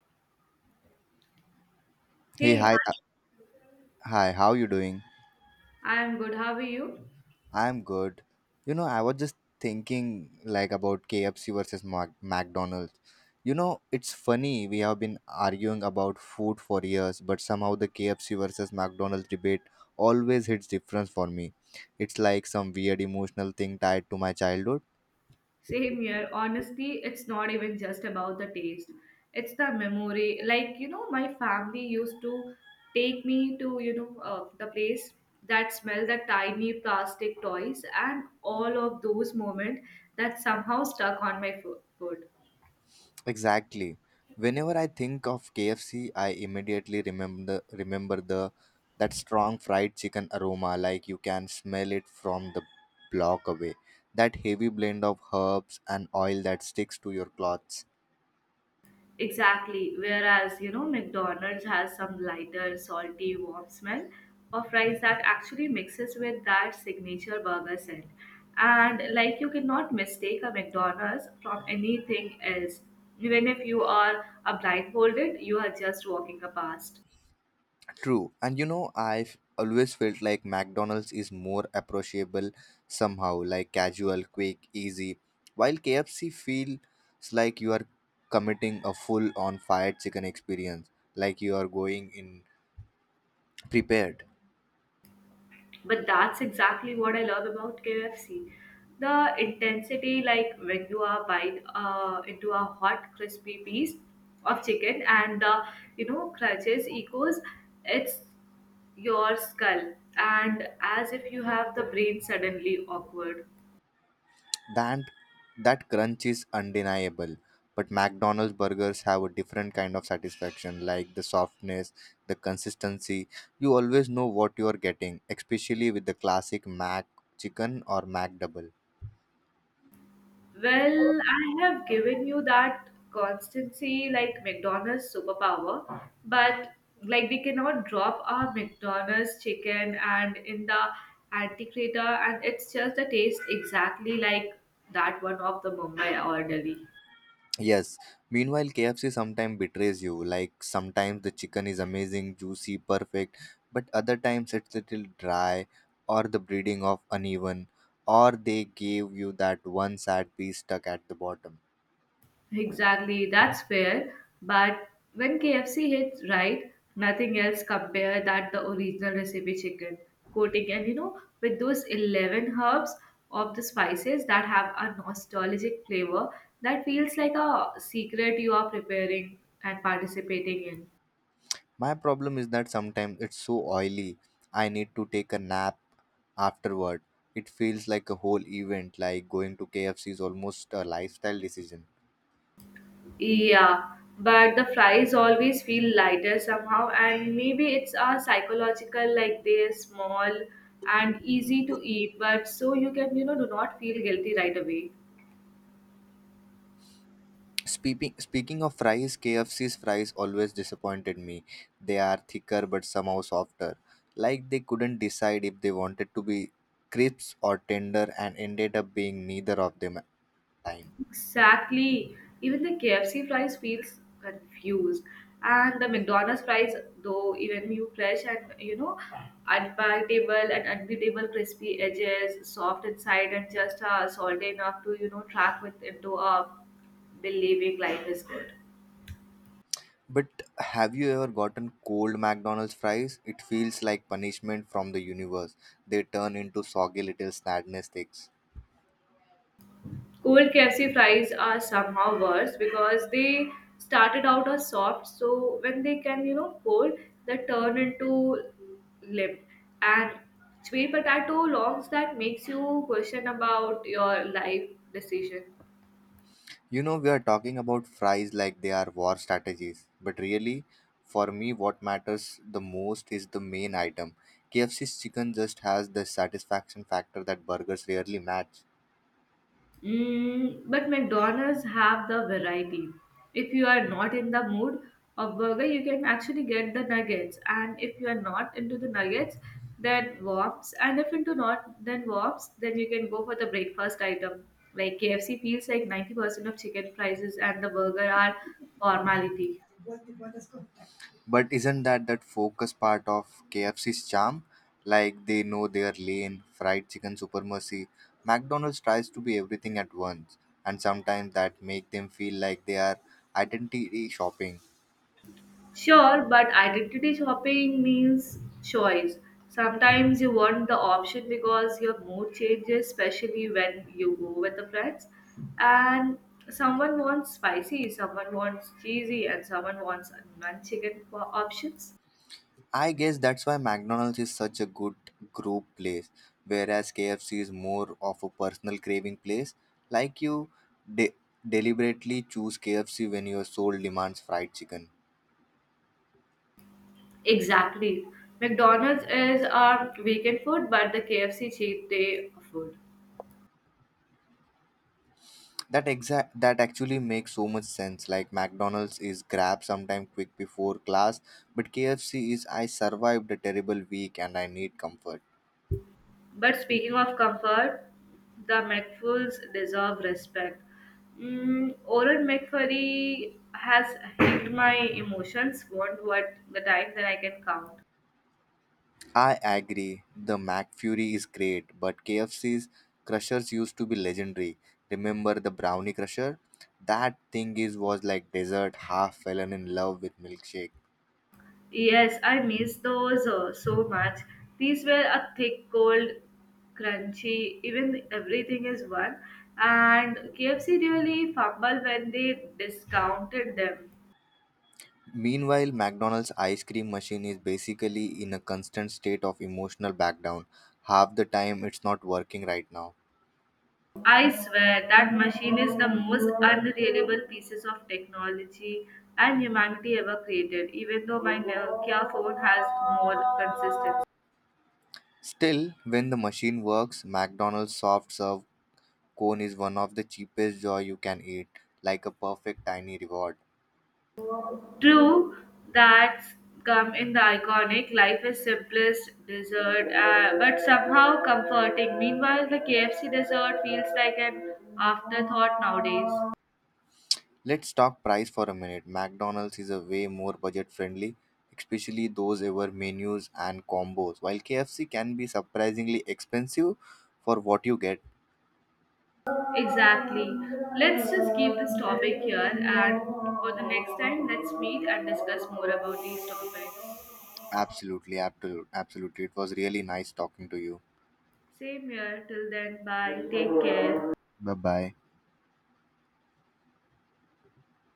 Hey, Hey, hi, hi. Hi. How you doing? I'm good. How are you? I'm good. You know, I was just thinking like about KFC versus McDonald's. You know, it's funny we have been arguing about food for years, but somehow the KFC versus McDonald's debate always hits different for me. It's like some weird emotional thing tied to my childhood. Same here. Honestly, it's not even just about the taste. It's the memory. Like, my family used to take me to, the place that smell the tiny plastic toys and all of those moments that somehow stuck on my foot. Exactly. Whenever I think of KFC, I immediately remember remember the that strong fried chicken aroma, like you can smell it from the block away. That heavy blend of herbs and oil that sticks to your clothes. Exactly. Whereas, McDonald's has some lighter, salty, warm smell of rice that actually mixes with that signature burger scent. And like you cannot mistake a McDonald's from anything else. Even if you are a blindfolded, you are just walking past. True. And you know, I've always felt like McDonald's is more approachable somehow, like casual, quick, easy, while KFC feels like you are committing a full on fired chicken experience, like you are going in prepared. But that's exactly what I love about KFC. The intensity, like when you are bite into a hot, crispy piece of chicken, and the crunches echoes, it's your skull, and as if you have the brain suddenly awkward. That that crunch is undeniable, but McDonald's burgers have a different kind of satisfaction, like the softness, the consistency. You always know what you are getting, especially with the classic Mac chicken or Mac double. Well, I have given you that constancy like McDonald's superpower, but like we cannot drop our McDonald's chicken and in the antiquator, and it's just the taste exactly like that one of the Mumbai or Delhi. Yes. Meanwhile, KFC sometimes betrays you. Like sometimes the chicken is amazing, juicy, perfect, but other times it's little dry or the breeding of uneven or they gave you that one sad piece stuck at the bottom. Exactly, that's fair. But when KFC hits right, nothing else compare that the original recipe chicken coating and with those 11 herbs of the spices that have a nostalgic flavor that feels like a secret you are preparing and participating in. My problem is that sometimes it's so oily, I need to take a nap afterward. It feels like a whole event, like going to KFC is almost a lifestyle decision. Yeah, but the fries always feel lighter somehow, and maybe it's a psychological like they're small and easy to eat, but so you can, do not feel guilty right away. Speaking of fries, KFC's fries always disappointed me. They are thicker but somehow softer. Like they couldn't decide if they wanted to be crisps or tender and ended up being neither of them at time. Exactly. Even the KFC fries feels confused, and the McDonald's fries, though, even you fresh and unpalatable and unbeatable crispy edges, soft inside, and just salty enough to track with into a believing life is good. But have you ever gotten cold McDonald's fries? It feels like punishment from the universe. They turn into soggy little sadness sticks. Cold KFC fries are somehow worse because they started out as soft, so when they can, cold, they turn into limp. And sweet potato longs that makes you question about your life decision. You know, we are talking about fries like they are war strategies, but really, for me, what matters the most is the main item. KFC's chicken just has the satisfaction factor that burgers rarely match. Mm, but McDonald's have the variety. If you are not in the mood of burger, you can actually get the nuggets. And if you are not into the nuggets, then wops. And if into not, then wops. Then you can go for the breakfast item. Like KFC feels like 90% of chicken prices and the burger are formality. But isn't that focus part of KFC's charm? Like they know their lane, fried chicken supremacy. McDonald's tries to be everything at once, and sometimes that make them feel like they are identity shopping. Sure, but identity shopping means choice. Sometimes you want the option because your mood changes, especially when you go with the friends. And someone wants spicy, someone wants cheesy, and someone wants options. I guess that's why McDonald's is such a good group place, whereas KFC is more of a personal craving place. Like you de- deliberately choose KFC when your soul demands fried chicken. Exactly. McDonald's is our weekend food, but the KFC cheat day food. That actually makes so much sense. Like McDonald's is grab sometime quick before class, but KFC is I survived a terrible week and I need comfort. But speaking of comfort, the McFools deserve respect. Mm, Oren McFurry has hit my emotions. Won't what the time that I can count. I agree. The McFury is great, but KFC's crushers used to be legendary. Remember the brownie crusher? That thing is was like dessert. Half fallen in love with milkshake. Yes, I miss those so much. These were a thick, cold, crunchy, even everything is one. And KFC really fumbled when they discounted them. Meanwhile, McDonald's ice cream machine is basically in a constant state of emotional backdown. Half the time, it's not working right now. I swear that machine is the most unreliable pieces of technology and humanity ever created, even though my Nokia phone has more consistency. Still, when the machine works, McDonald's soft serve cone is one of the cheapest joy you can eat, like a perfect tiny reward. True, that's come in the iconic life is simplest dessert, but somehow comforting. Meanwhile, the KFC dessert feels like an afterthought nowadays. Let's talk price for a minute. McDonald's is a way more budget friendly, especially those ever menus and combos. While KFC can be surprisingly expensive for what you get. Exactly. Let's just keep this topic here, and for the next time, let's meet and discuss more about these topics. Absolutely, absolutely, absolutely. It was really nice talking to you. Same here. Till then, bye. Take care. Bye bye.